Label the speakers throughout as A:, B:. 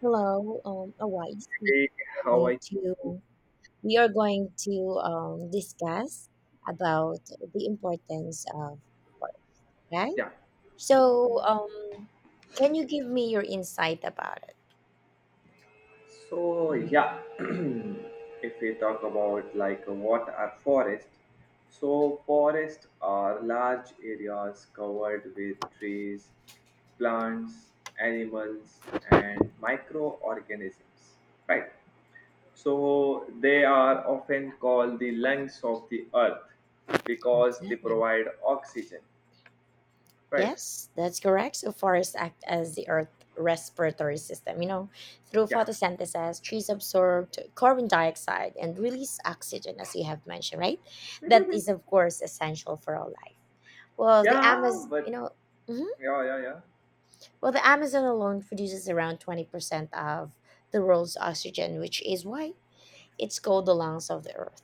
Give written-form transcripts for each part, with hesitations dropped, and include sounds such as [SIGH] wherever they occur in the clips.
A: Hello, a wise
B: Hey,
A: are
B: how
A: going
B: I
A: to we are going to discuss about the importance of work, right?
B: yeah.
A: So, can you give me your insight about it?
B: So yeah, [CLEARS THROAT] if we talk about like what are forests, so forests are large areas covered with trees, plants, animals, and microorganisms. Right. So they are often called the lungs of the earth because they
A: Exactly.
B: provide oxygen. Right.
A: Yes, that's correct. So forests act as the earth respiratory system. You know, through
B: Yeah.
A: photosynthesis, trees absorb carbon dioxide and release oxygen, as you have mentioned, right? That is, of course, essential for all life. Well, the
B: Yeah,
A: Amazon, you
B: but
A: know. Mhm.
B: yeah, yeah, yeah.
A: Well, the Amazon alone produces around 20% of the world's oxygen, which is why it's called the lungs of the earth.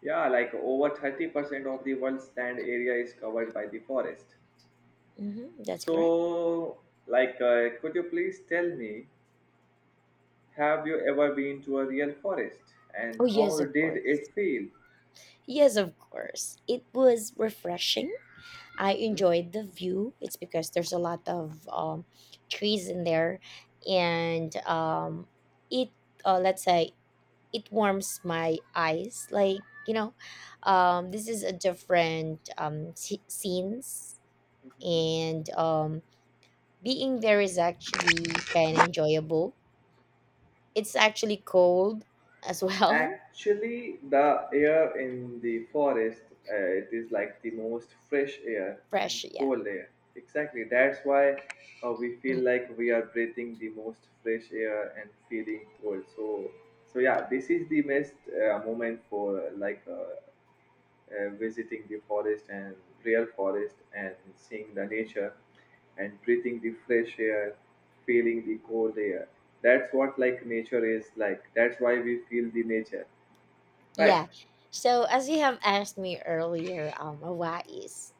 B: Yeah, like over 30% of the world's land area is covered by the forest.
A: Hmm, that's correct.
B: So, like, could you please tell me, have you ever been to a real forest and
A: Oh, yes,
B: how
A: of
B: did
A: course.
B: it feel?
A: Yes, of course. It was refreshing. I
B: Mhm,
A: enjoyed the view. It's because there's a lot of trees in there, and it let's say it warms my eyes, like you know this is a different scenes,
B: mhm.
A: and being there is actually kind of enjoyable. It's actually cold as well.
B: Actually, the air in the forest, it is like the most fresh air
A: [LAUGHS]
B: and
A: Fresh, yeah.
B: cold air. Exactly. That's why we feel
A: Mm.
B: like we are breathing the most fresh air and feeling cold. So, so yeah, this is the best moment for visiting the forest and real forest and seeing the nature and breathing the fresh air, feeling the cold air. That's what like nature is like. That's why we feel the nature. Right.
A: Yeah, so as you have asked me earlier, what is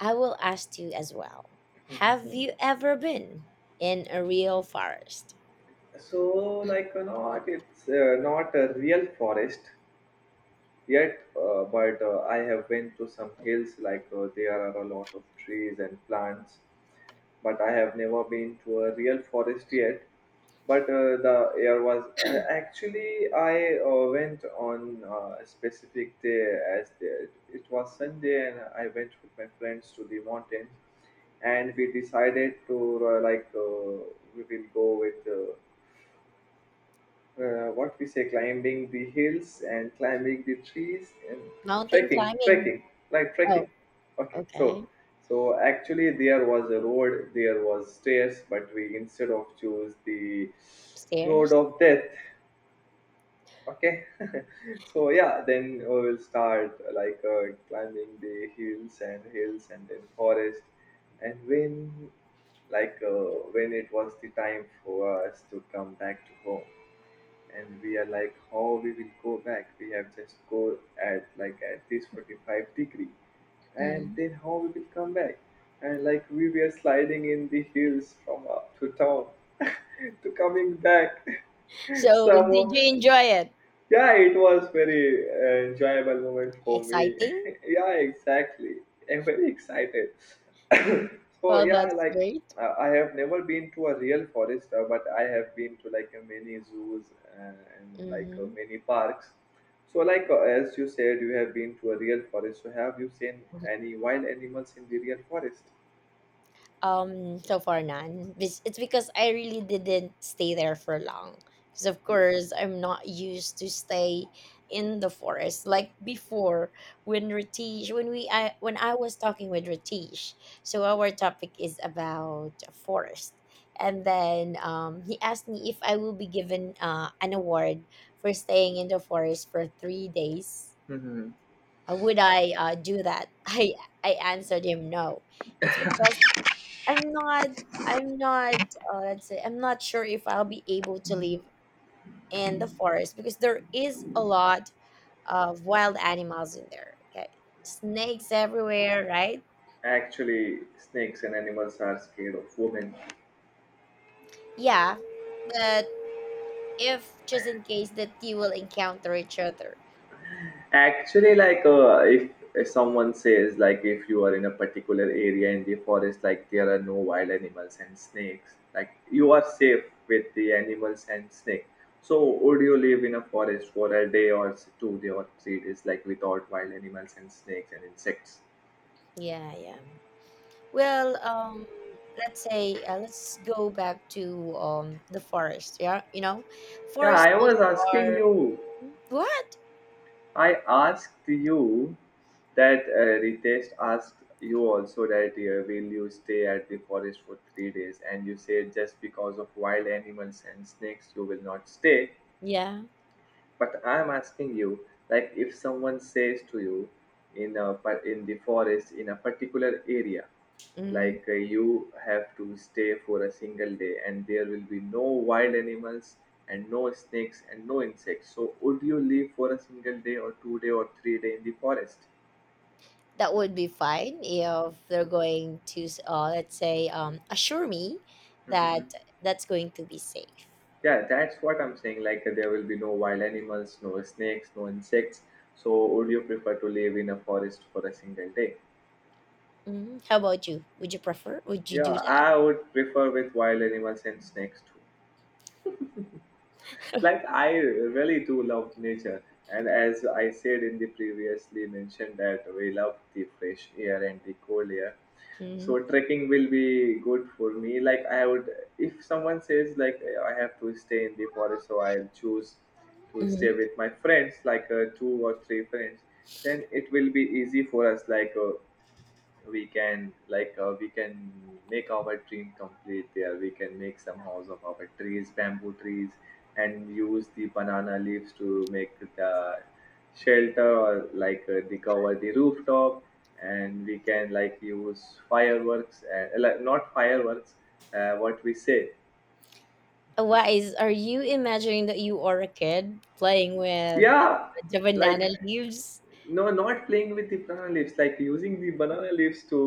A: I will ask you as well, have you ever been in a real forest?
B: So, like,
A: [CLEARS THROAT]
B: you know what, it's not a real forest yet, but I have been to some hills. Like, there are a lot of trees and plants, but I have never been to a real forest yet. But the air was actually, I went on a specific day. As the, it was Sunday, and I went with my friends to the mountains, and we decided to we will go with. What we say, climbing the hills and climbing the trees and
A: Mountain
B: trekking
A: climbing.
B: trekking trekking.
A: Oh.
B: Okay, so
A: Okay.
B: so actually there was a road, there was stairs, but we instead of choose the road
A: Stairs.
B: of death. Okay. [LAUGHS] So yeah, then we will start climbing the hills and then forest. And when like uh, when it was the time for us to come back to home, and we are like, how we will go back? We have just go at like at this 45 degree, and then how we will come back? And like we were sliding in the hills from up to town [LAUGHS] to coming back [LAUGHS]
A: So, did
B: somehow.
A: you enjoy it?
B: Yeah, it was very enjoyable moment for me.
A: Exciting?
B: [LAUGHS] Yeah, exactly. I'm very excited. [COUGHS] So
A: Well,
B: yeah,
A: that's
B: like
A: great.
B: I have never been to a real forest, but I have been to like many zoos, uh, and like
A: Mm-hmm.
B: many parks. So like as you said, you have been to a real forest. So have you seen any wild animals in the real forest?
A: So far none. It's because I really didn't stay there for long. Because of course, I'm not used to stay in the forest like before when Ratish when we I when I was talking with Ratish. So our topic is about forest, and then he asked me if I will be given an award for staying in the forest for 3 days.
B: Hmm.
A: Would I do that? [LAUGHS] I answered him no. It's because I'm not I'm not, let's say, I'm not sure if I'll be able to live in the forest because there is a lot of wild animals in there. Okay, snakes everywhere, right?
B: Actually, snakes and animals are scared of women.
A: Yeah, but if just in case that you will encounter each other.
B: Actually, like if someone says like if you are in a particular area in the forest, like there are no wild animals and snakes, like you are safe with the animals and snake. So would you live in a forest for a day or 2 day or 3 days, like without wild animals and snakes and insects?
A: Yeah, yeah. Well, let's say, let's go back to the forest. Yeah, you know,
B: Yeah,
A: forests
B: I
A: also
B: was asking
A: are.
B: you.
A: Hmm? What?
B: I asked you that Ritesh asked you also that will you stay at the forest for 3 days, and you said just because of wild animals and snakes you will not stay.
A: Yeah,
B: But I'm asking you, like if someone says to you in a, in the forest in a particular area,
A: mm,
B: like you have to stay for a single day and there will be no wild animals and no snakes and no insects. So would you live for a single day or 2 day or 3 day in the forest?
A: that would be fine if they're going to let's say, assure me
B: Mhm.
A: that that's going to be safe.
B: Yeah, that's what I'm saying. Like there will be no wild animals, no snakes, no insects. So would you prefer to live in a forest for a single day?
A: Hmm. How about you? Would you prefer? Would you
B: Yeah,
A: do that?
B: I would prefer with wild animals and snakes too. Like I really do love nature, and as I said in the previously mentioned that we love the fresh air and the cold air.
A: Hmm.
B: So trekking will be good for me. Like I would, if someone says like I have to stay in the forest, so I'll choose to stay
A: Hmm.
B: with my friends, like two or three friends. Then it will be easy for us. Like we can make our dream complete there. We can make some house of our trees, bamboo trees, and use the banana leaves to make the shelter or like the cover the rooftop. And we can like use fireworks, like not fireworks, what we say.
A: Why are you imagining that you are a kid playing with
B: Yeah,
A: the
B: like
A: banana leaves?
B: no, not playing with the banana leaves, like using the banana leaves to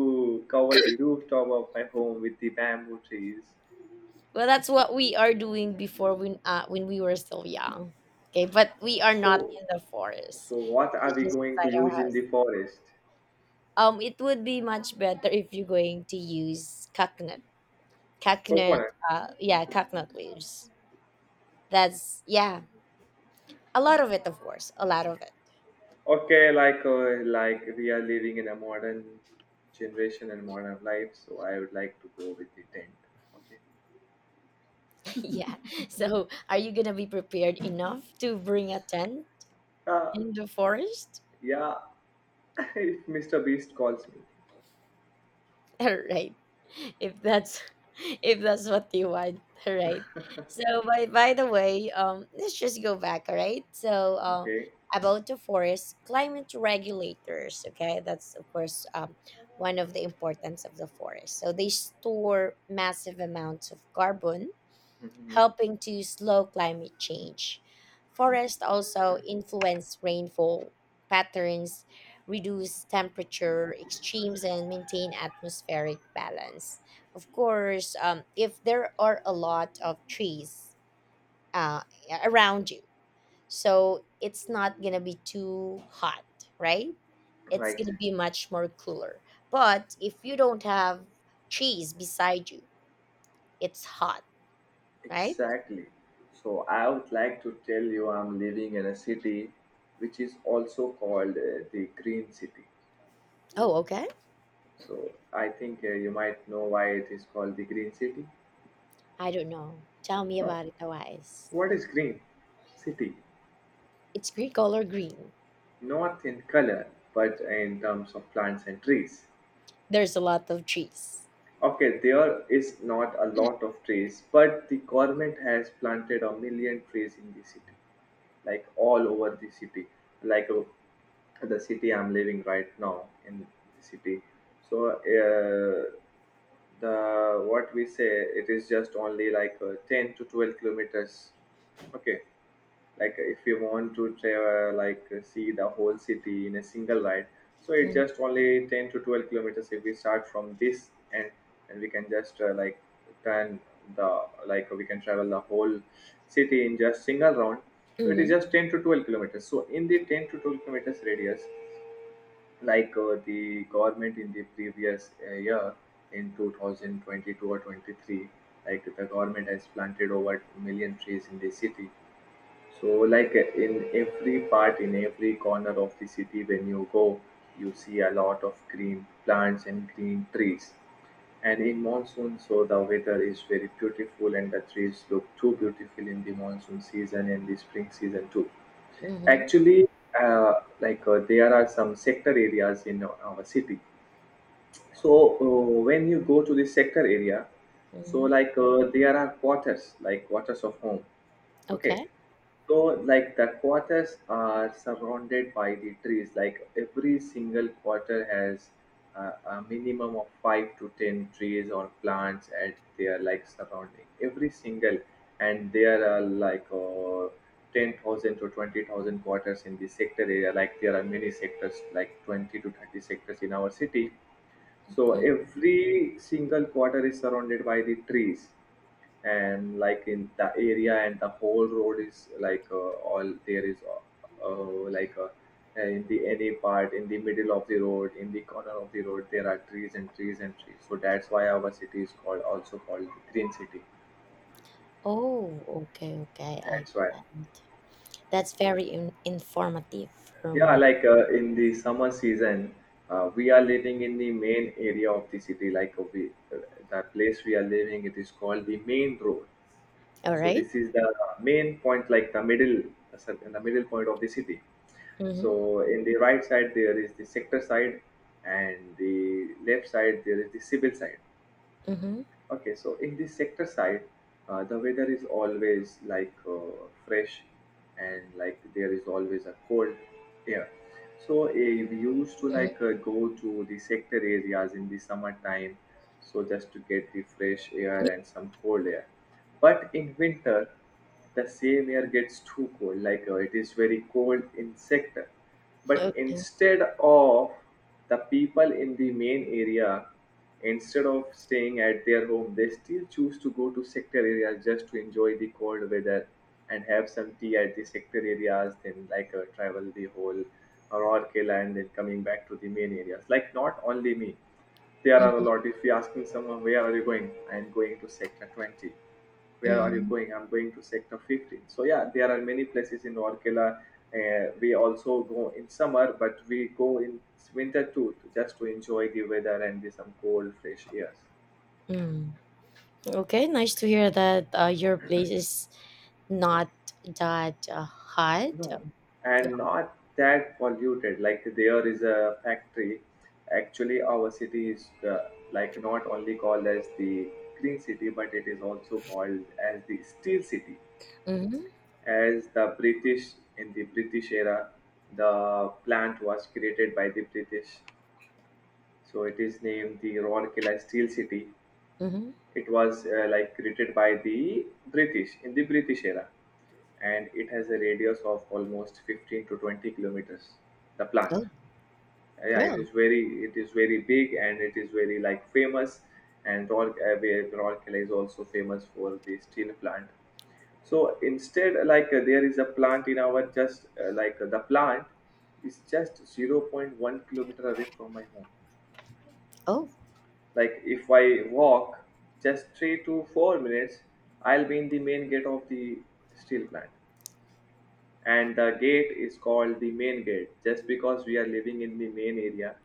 B: cover the rooftop of my home with the bamboo trees.
A: Well, that's what we are doing before when we were still young. Okay, but we are not
B: So
A: in the
B: so
A: forest.
B: what are
A: It's
B: we
A: just
B: going to
A: beside our
B: use in
A: house.
B: the forest?
A: It would be much better if you're going to use coconut, coconut.
B: Coconut.
A: Yeah, coconut leaves. That's, yeah, a lot of it, of course, a lot of it.
B: Okay, like we are living in a modern generation and modern life, so I would like to go with the tent. Okay.
A: [LAUGHS] Yeah. So, are you gonna be prepared enough to bring a tent
B: Uh,
A: in the forest?
B: yeah, [LAUGHS] if Mr. Beast calls me.
A: [LAUGHS] Right. If that's [LAUGHS] If that's what you want, right? So, by the way, let's just go back, alright? So,
B: Okay.
A: about the forest climate regulators, okay? That's, of course, one of the importance of the forest. So they store massive amounts of carbon,
B: Mhm.
A: helping to slow climate change. Forests also influence rainfall patterns, reduce temperature extremes, and maintain atmospheric balance. Of course, if there are a lot of trees uh, around you, so it's not gonna be too hot, right? It's
B: Right.
A: gonna be much more cooler. But if you don't have trees beside you, it's hot, right?
B: Exactly. So I would like to tell you I'm living in a city which is also called the Green City.
A: Oh, okay.
B: So I think you might know why it is called the Green City.
A: I don't know. Tell me
B: No.
A: about it, Tawais.
B: What is Green City?
A: It's green color green.
B: Not in color, but in terms of plants and trees.
A: There's a lot of trees.
B: Okay, there is not a lot of trees, but the government has planted a million trees in the city, like all over the city, like the city I'm living right now in the city. So, the what we say, it is just only like 10 to 12 kilometers. Okay, like if you want to travel like see the whole city in a single ride, so it just only 10 to 12 kilometers if we start from this end, and we can just like turn the, like we can travel the whole city in just single round. So it is
A: Mm-hmm.
B: just 10 to 12 kilometers, so in the 10 to 12 kilometers radius, like the government in the previous year in 2022 or 23, like the government has planted over million trees in the city. So, like in every part, in every corner of the city, when you go, you see a lot of green plants and green trees. And in monsoon, so the weather is very beautiful, and the trees look too beautiful in the monsoon season and the spring season too.
A: Mm-hmm.
B: Actually, uh, there are some sector areas in our city. So when you go to the sector area, so
A: Mm-hmm.
B: like there are quarters, like quarters of home. Okay,
A: Okay.
B: so like the quarters are surrounded by the trees. Like every single quarter has a minimum of five to ten trees or plants at their like surrounding. Every single, and there are like 10,000 to 20,000 quarters in the sector area. Like there are many sectors, like 20 to 30 sectors in our city, so
A: Mhm.
B: every single quarter is surrounded by the trees, and like in the area and the whole road is like in the any part in the middle of the road in the corner of the road there are trees and trees and trees. So that's why our city is called, also called the Green City.
A: Oh, okay, okay. I
B: That's why.
A: got it. That's very informative for
B: Yeah,
A: me.
B: like in the summer season, we are living in the main area of the city. Like the place we are living, it is called the main road.
A: All
B: So
A: right.
B: this is the main point, like the middle point of the city.
A: Mm-hmm.
B: So in the right side there is the sector side, and the left side there is the civil side.
A: Mm-hmm.
B: Okay, so in this sector side, the weather is always like fresh, and like there is always a cold air. So we used to
A: Mm-hmm.
B: like go to the sector areas in the summertime, so just to get the fresh air and
A: [LAUGHS]
B: some cold air. But in winter, the same air gets too cold, like it is very cold in sector, but
A: Okay.
B: instead of the people in the main area, instead of staying at their home, they still choose to go to sector areas just to enjoy the cold weather and have some tea at the sector areas, then like travel the whole Rourkela, and then coming back to the main areas. Like not only me, there are a
A: Mm-hmm.
B: lot. If you ask me someone, where are you going? I am going to sector 20. Where are you going? I'm going to sector 15. So yeah, there are many places in Orkela. We also go in summer, but we go in winter too, just to enjoy the weather and the, some cold, fresh airs.
A: Mm-hmm. Okay. Nice to hear that your place is not that hot.
B: No, and not that polluted. Like there is a factory. Actually, our city is like not only called as the green city, but it is also called as the steel city.
A: Mm-hmm.
B: As the British in the British era, the plant was created by the British, so it is named the Rourkela Steel City.
A: Mm-hmm.
B: It was like created by the British in the British era, and it has a radius of almost 15 to 20 kilometers. The plant.
A: Oh,
B: Yeah, it
A: real.
B: is very big, and it is very like famous. And where Rourkela is also famous for the steel plant, so instead there is a plant in our just like the plant is just zero point 0.1 kilometer away from my home.
A: Oh.
B: Like if I walk just 3 to 4 minutes, I'll be in the main gate of the steel plant. And the gate is called the main gate just because we are living in the main area.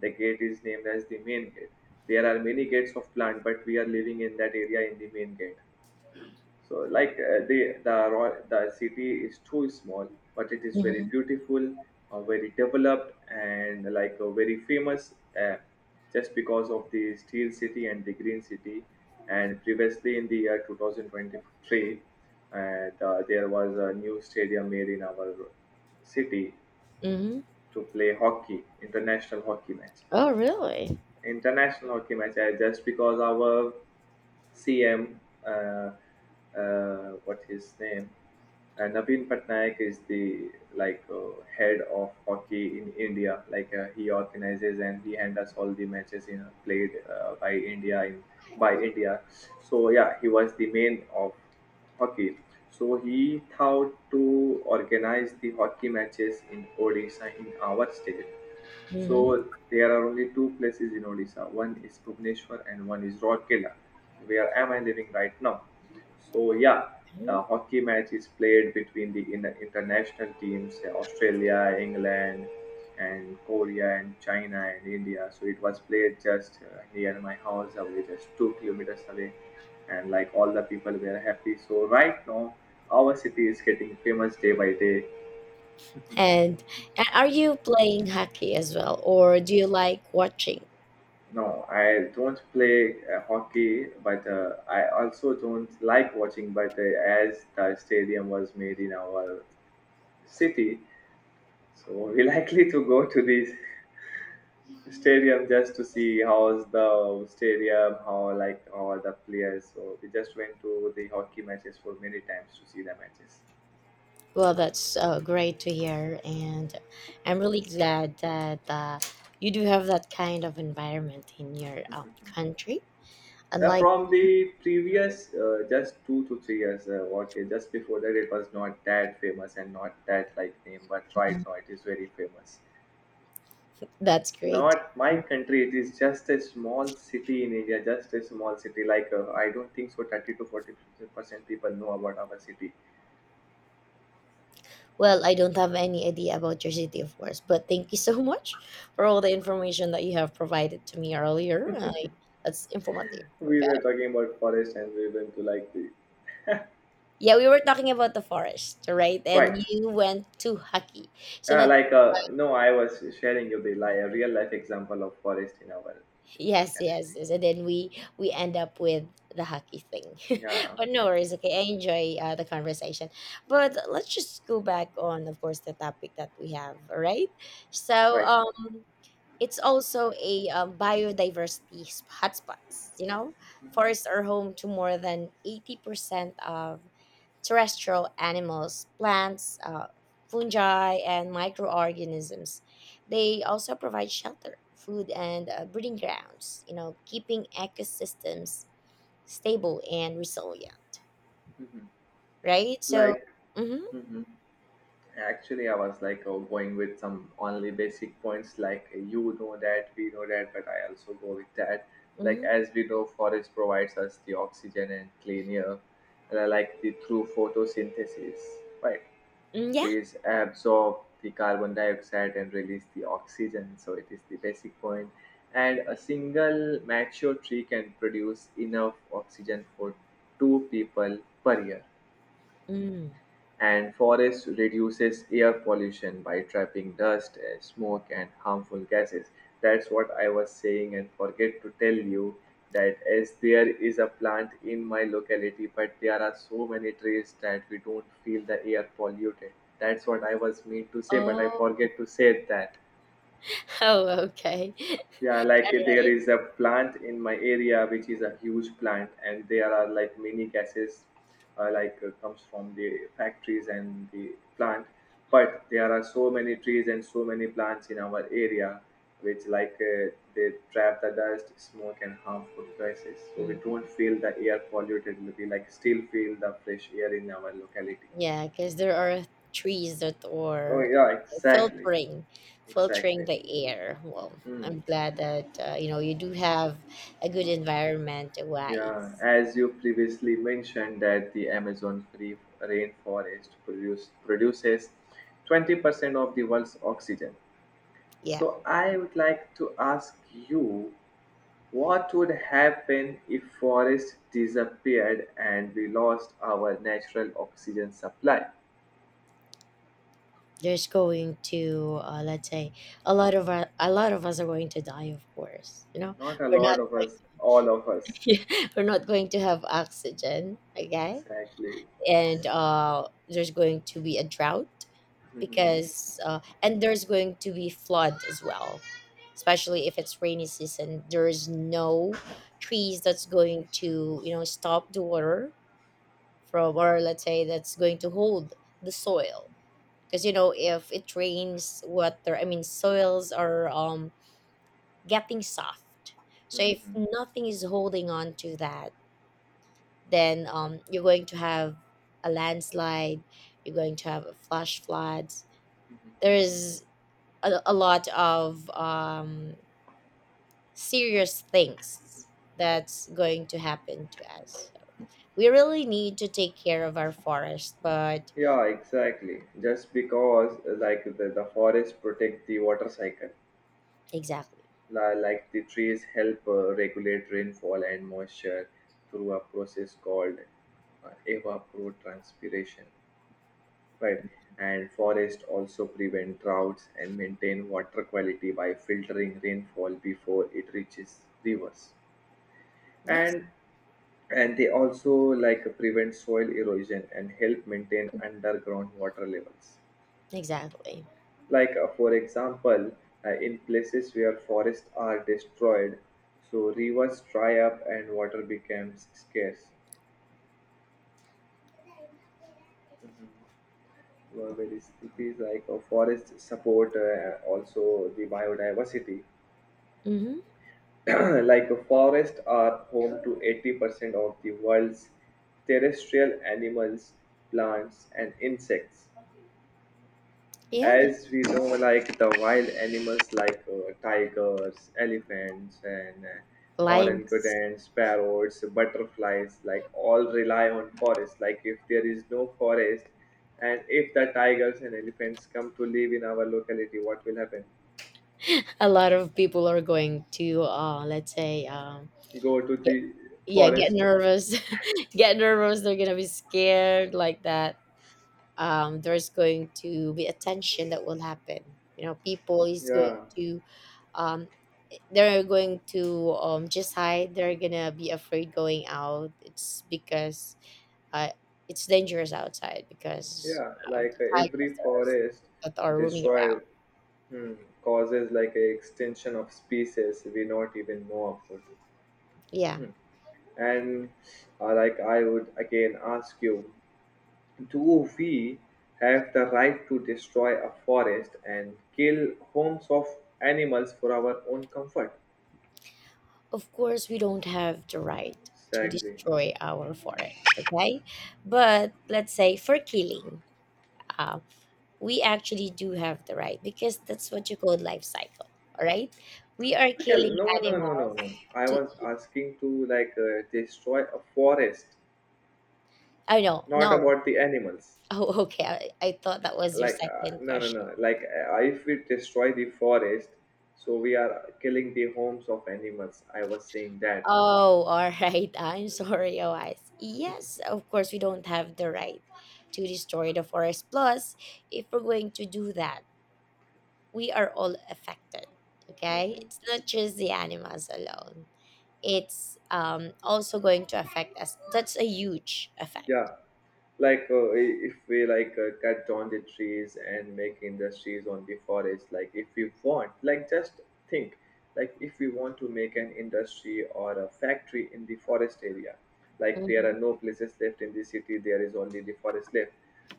B: The gate is named as the main gate. There are many gates of plant, but we are living in that area in the main gate. So, the city is too small, but it is very beautiful, very developed, and very famous, uh, just because of the steel city and the green city. And previously, in the year 2023, there was a new stadium made in our city
A: Hmm.
B: to play hockey, international hockey match,
A: Oh, really?
B: just because our CM, uh, what his name, Naveen Patnaik is the head of hockey in India. He organizes and he handles all the matches played by India in by India. So yeah, he was the main of hockey. So he thought to organize the hockey matches in Odisha, in our state. So
A: Hmm.
B: there are only two places in Odisha. One is Bhubaneswar and one is Rourkela, where am I living right now. So yeah, the hockey match is played between the international teams, Australia, England, and Korea and China and India. So it was played just near my house, away just 2 kilometers away, and like all the people were happy. So right now, our city is getting famous day by day.
A: And are you playing hockey as well, or do you like watching?
B: No, I don't play hockey, but I also don't like watching. But as the stadium was made in our city, so we [LAUGHS] likely to go to this stadium just to see how's the stadium, how like how are the players. So we just went to the hockey matches for many times to see the matches.
A: Well, that's great to hear, and I'm really glad that you do have that kind of environment in your
B: [LAUGHS]
A: country.
B: Yeah,
A: Unlike.
B: from the previous just 2 to 3 years, okay, just before that it was not that famous and not that like name, but right
A: Mhm.
B: now it is very famous.
A: That's great to
B: Not my
A: hear.
B: country, it is just a small city in India, just a small city. I don't think so, 30 to 40% people know about our city.
A: Well, I don't have any idea about your city, of course, but thank you so [LAUGHS] much for all the information that you have provided to me earlier. That's informative.
B: We
A: Okay.
B: were talking about forest and we went to like the.
A: Yeah, we were talking about the forest, right? And
B: Right.
A: you went to hockey. So
B: Yeah,
A: let's
B: no, I was sharing you the a real life example of forest in our
A: Yes,
B: locality.
A: yes, yes. And then we end up with the hockey thing.
B: Yeah,
A: [LAUGHS] But no worries, okay. I enjoy the conversation. But let's just go back on, of course, the topic that we have, all right? So,
B: right.
A: it's also a biodiversity hotspots, you know? Forests are home to more than 80% of terrestrial animals, plants, fungi, and microorganisms. They also provide shelter, food, and breeding grounds, keeping ecosystems stable and resilient,
B: Mhm.
A: right? So.
B: Like.
A: Mm-hmm,
B: Hmm. Actually, I was going with some only basic points, you know that, we know that, but I also go with that. Like,
A: mm-hmm,
B: as we know, forest provides us the oxygen and clean air, and I like the through photosynthesis, right?
A: mm, yeah.
B: Trees absorb the carbon dioxide and release the oxygen, so it is the basic point. And a single mature tree can produce enough oxygen for two people per year,
A: Mm.
B: and forest reduces air pollution by trapping dust, smoke, and harmful gases. That's what I was saying, and forget to tell you that as there is a plant in my locality, but there are so many trees that we don't feel the air polluted. That's what I was meant to say, but I
A: Oh,
B: forget to say that.
A: [LAUGHS] oh, okay.
B: Yeah, like there
A: [LAUGHS]
B: is a plant in my area which is a huge plant, and there are like many gases, comes from the factories and the plant. But there are so many trees and so many plants in our area, which they trap the dust, smoke, and harmful gases. So
A: All
B: we
A: right.
B: don't feel the air polluted. We like still feel the fresh air in our locality.
A: Yeah, because there are trees that
B: Oh
A: are
B: yeah, exactly,
A: filtering, filtering
B: exactly.
A: the air. Well,
B: Hmm.
A: I'm glad that you do have a good environment
B: Yeah,
A: wise.
B: as you previously mentioned that the Amazon free rainforest produces 20% of the world's oxygen.
A: Yeah,
B: So I would like to ask you, what would happen if forests disappeared and we lost our natural oxygen supply?
A: there's going to, let's say, a lot of us are going to die, of course. You know,
B: Not a
A: we're
B: lot
A: not
B: of us, all of us.
A: going [LAUGHS] we're not going to have oxygen. Okay,
B: Exactly.
A: and there's going to be a drought because and there's going to be flood as well, especially if it's rainy season. There's no trees that's going to, stop the water from, or let's say, that's going to hold the soil, because if it rains water, I mean, soils are getting soft, so if nothing is holding on to that, then you're going to have a landslide, you're going to have a flash floods. There is a lot of serious things that's going to happen to us. We really need to take care of our forest, but.
B: Yeah, exactly. Just because like the forest protect the water cycle,
A: Exactly.
B: like the trees help regulate rainfall and moisture through a process called evapotranspiration, right? And forests also prevent droughts and maintain water quality by filtering rainfall before it reaches rivers,
A: Yes,
B: and and they also like prevent soil erosion and help maintain underground water levels.
A: exactly.
B: For example, in places where forests are destroyed, so rivers dry up and water becomes scarce. Whereas it is like a forest support also the biodiversity.
A: Mm-hmm.
B: [CLEARS THROAT] Like a forest are home to 80% of the world's terrestrial animals, plants, and insects.
A: Yeah,
B: As
A: that's
B: we
A: right.
B: know, like the wild animals, like tigers, elephants, and
A: Lions.
B: orangutans, parrots, butterflies, like all rely on forest. Like if there is no forest and if the tigers and elephants come to live in our locality, what will happen?
A: A lot of people are going to, let's say,
B: Go to
A: get,
B: the
A: yeah, get
B: forest.
A: nervous. [LAUGHS] Get nervous. They're gonna be scared like that. There's going to be a tension that will happen. You know, people is going
B: Yeah,
A: to, um, they're going to just hide. They're gonna be afraid going out. It's because uh, it's dangerous outside because
B: yeah,
A: of the
B: every
A: tigers
B: forest
A: that are roaming
B: destroyed,
A: around.
B: hmm, causes like a extinction of species we not even know about.
A: Yeah,
B: Hmm. And like I would again ask you, do we have the right to destroy a forest and kill homes of animals for our own comfort?
A: of course we don't have the right to
B: Exactly.
A: destroy our forest. Okay, but let's say for killing. uh, we actually do have the right because that's what you call life cycle. All right, we are
B: Okay,
A: killing
B: no, no, no, no,
A: animals
B: no. I
A: to.
B: was asking to destroy a forest,
A: Oh no,
B: not
A: no. [LAUGHS]
B: about the animals.
A: Oh, okay. I thought that was your second
B: No, no,
A: question.
B: no. If we destroy the forest, so we are killing the homes of animals. I was saying that.
A: Oh, [LAUGHS] all right. I'm sorry, OIs. Yes, of course, we don't have the right to destroy the forest. Plus, if we're going to do that, we are all affected. Okay?
B: Mhm.
A: It's not just the animals alone, it's also going to affect us. That's a huge effect.
B: Yeah, if we cut down the trees and make industries on the forest, like if we want, like just think, like if we want to make an industry or a factory in the forest area, like there
A: Mhm,
B: are no places left in the city, there is only the forest left.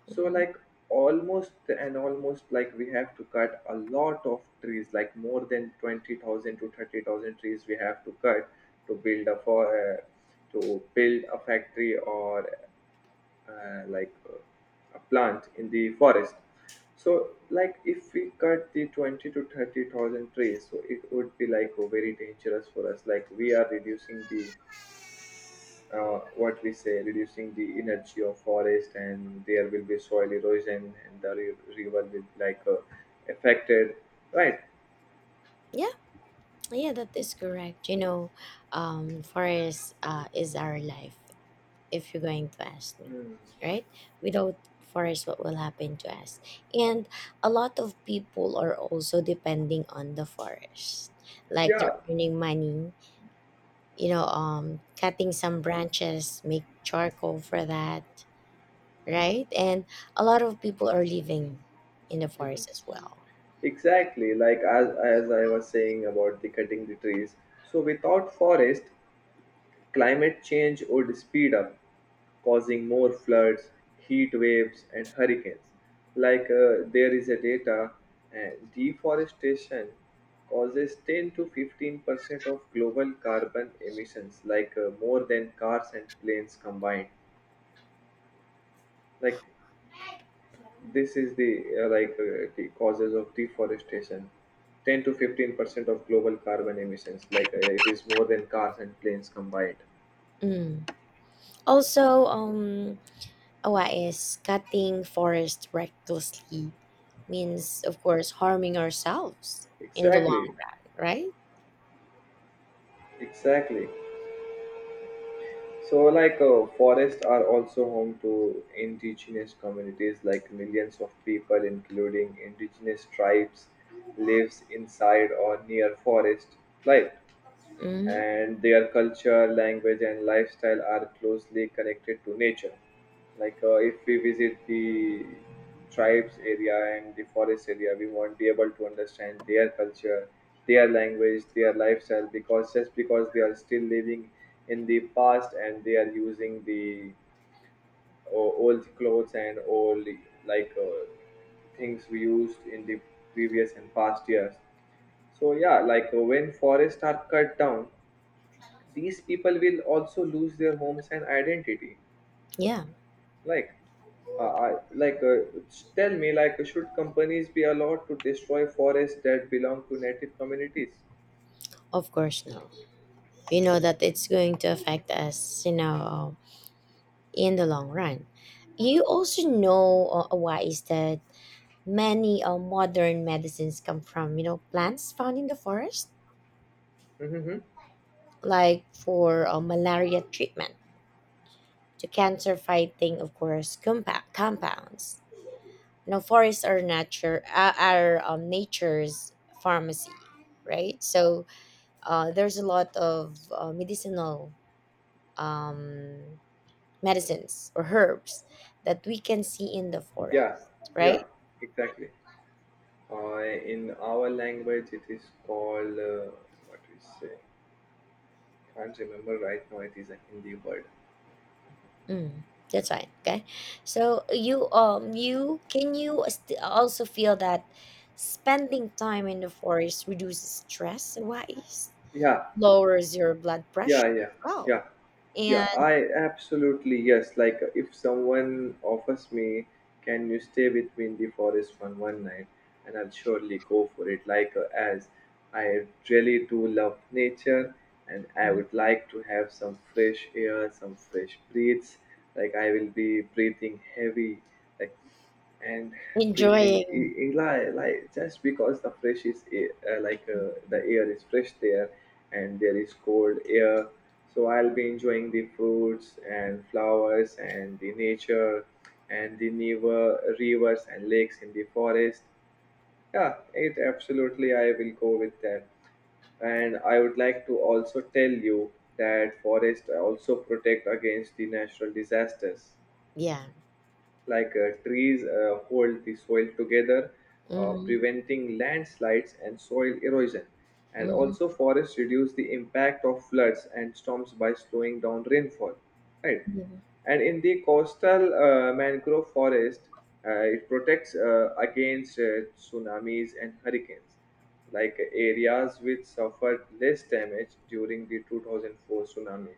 B: So
A: mhm.
B: like almost and almost like we have to cut a lot of trees, like more than 20,000 to 30,000 trees we have to cut to build a for uh, to build a factory or uh, like uh, a plant in the forest. So like if we cut the 20 to 30 thousand trees, so it would be very dangerous for us, like we are reducing the what we say, reducing the energy of forest, and there will be soil erosion, and the river will be affected, right?
A: Yeah, yeah, that is correct. You know, forest is our life, if you're going to ask me,
B: Hmm.
A: right? Without forest, what will happen to us? And a lot of people are also depending on the forest. Like they're
B: Yeah.
A: earning money, cutting some branches, make charcoal for that, right? And a lot of people are living in the
B: Mhm.
A: forest as well.
B: Exactly, like as I was saying about the cutting the trees. So without forest, climate change would speed up, causing more floods, heat waves, and hurricanes. There is a data, uh, deforestation causes 10 to 15% of global carbon emissions, more than cars and planes combined. Like this is the the causes of deforestation. 10 to 15% of global carbon emissions, it is more than cars and planes combined.
A: Mm. Also, Owa is cutting forest recklessly means, of course, harming ourselves in the long,
B: Exactly,
A: run, right?
B: exactly. So, forests are also home to indigenous communities. Like millions of people, including indigenous tribes, lives inside or near forest. Right?
A: Hmm.
B: And their culture, language, and lifestyle are closely connected to nature. If we visit the tribes area and the forest area, we won't be able to understand their culture, their language, their lifestyle, because just because they are still living in the past and they are using the old clothes and old like uh, things we used in the previous and past years. So yeah, when forests are cut down, these people will also lose their homes and identity.
A: Yeah,
B: like I, tell me, like should companies be allowed to destroy forests that belong to native communities?
A: of course, no. You
B: Hmm.
A: know that it's going to affect us, in the long run.
B: Uh,
A: You also know, Owa, is that many modern medicines come from, plants found in the forest,
B: mhm.
A: like for malaria treatment, to cancer fighting, of course, compounds. You know, forests are nature's pharmacy, right? So, there's a lot of medicinal um, medicines or herbs that we can see in the forest,
B: Yeah, yeah,
A: right?
B: exactly. In our language it is called what we say, can't remember right now. It is a Hindi word.
A: Mm, that's fine, okay. So, you also feel that spending time in the forest reduces stress wise,
B: Yeah,
A: lowers your blood pressure
B: yeah, yeah.
A: as well,
B: Yeah, yeah
A: and
B: I absolutely, yes, like if someone offers me, can you stay with me in the forest for one night, and I'll surely go for it. As I really do love nature, and I would like to have some fresh air, some fresh breaths. Like I will be breathing heavy, like. And breathing
A: enjoying.
B: Like just because the fresh is a- like the air is fresh there, and there is cold air. So I'll be enjoying the fruits and flowers and the nature and the rivers and lakes in the forest. Yeah, it absolutely, I will go with that. And I would like to also tell you that forests also protect against the natural disasters.
A: Yeah.
B: Trees hold the soil together,
A: Mm-hmm.
B: preventing landslides and soil erosion. And
A: Mm-hmm.
B: also forests reduce the impact of floods and storms by slowing down rainfall, right?
A: Yeah.
B: And in the coastal mangrove forest, it protects against tsunamis and hurricanes, like areas which suffered less damage during the 2004 tsunami.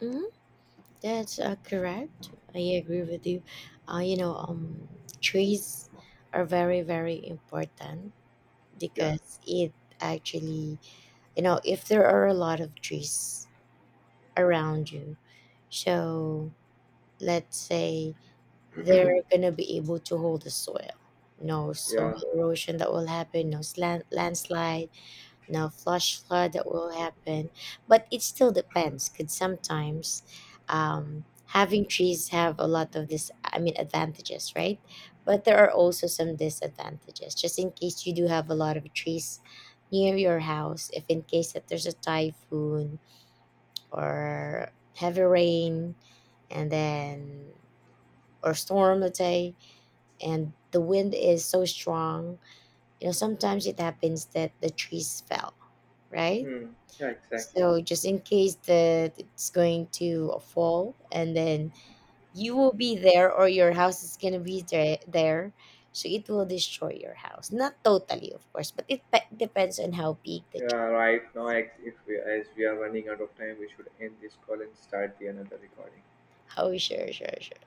A: Mm-hmm. That's correct. I agree with you. Uh, you know, um, Trees are very, very important
B: Yeah,
A: because it actually, if there are a lot of trees around you, so let's say they're gonna be able to hold the soil. No soil
B: yeah.
A: erosion that will happen. No slant landslide, no flash flood that will happen, but it still depends. Could sometimes having trees have a lot of this, I mean, advantages, right? But there are also some disadvantages just in case you do have a lot of trees near your house, if in case that there's a typhoon, or heavy rain, and then, or storm, let's say, and the wind is so strong, you know, sometimes it happens that the trees fell, right?
B: Hmm. Yeah, exactly.
A: So just in case that it's going to fall and then you will be there, or your house is going to be there, so it will destroy your house. Not totally, of course, but it depends on how big the tree.
B: Yeah, right now, if we, as we are running out of time, we should end this call and start the another recording.
A: How sure, sure, sure.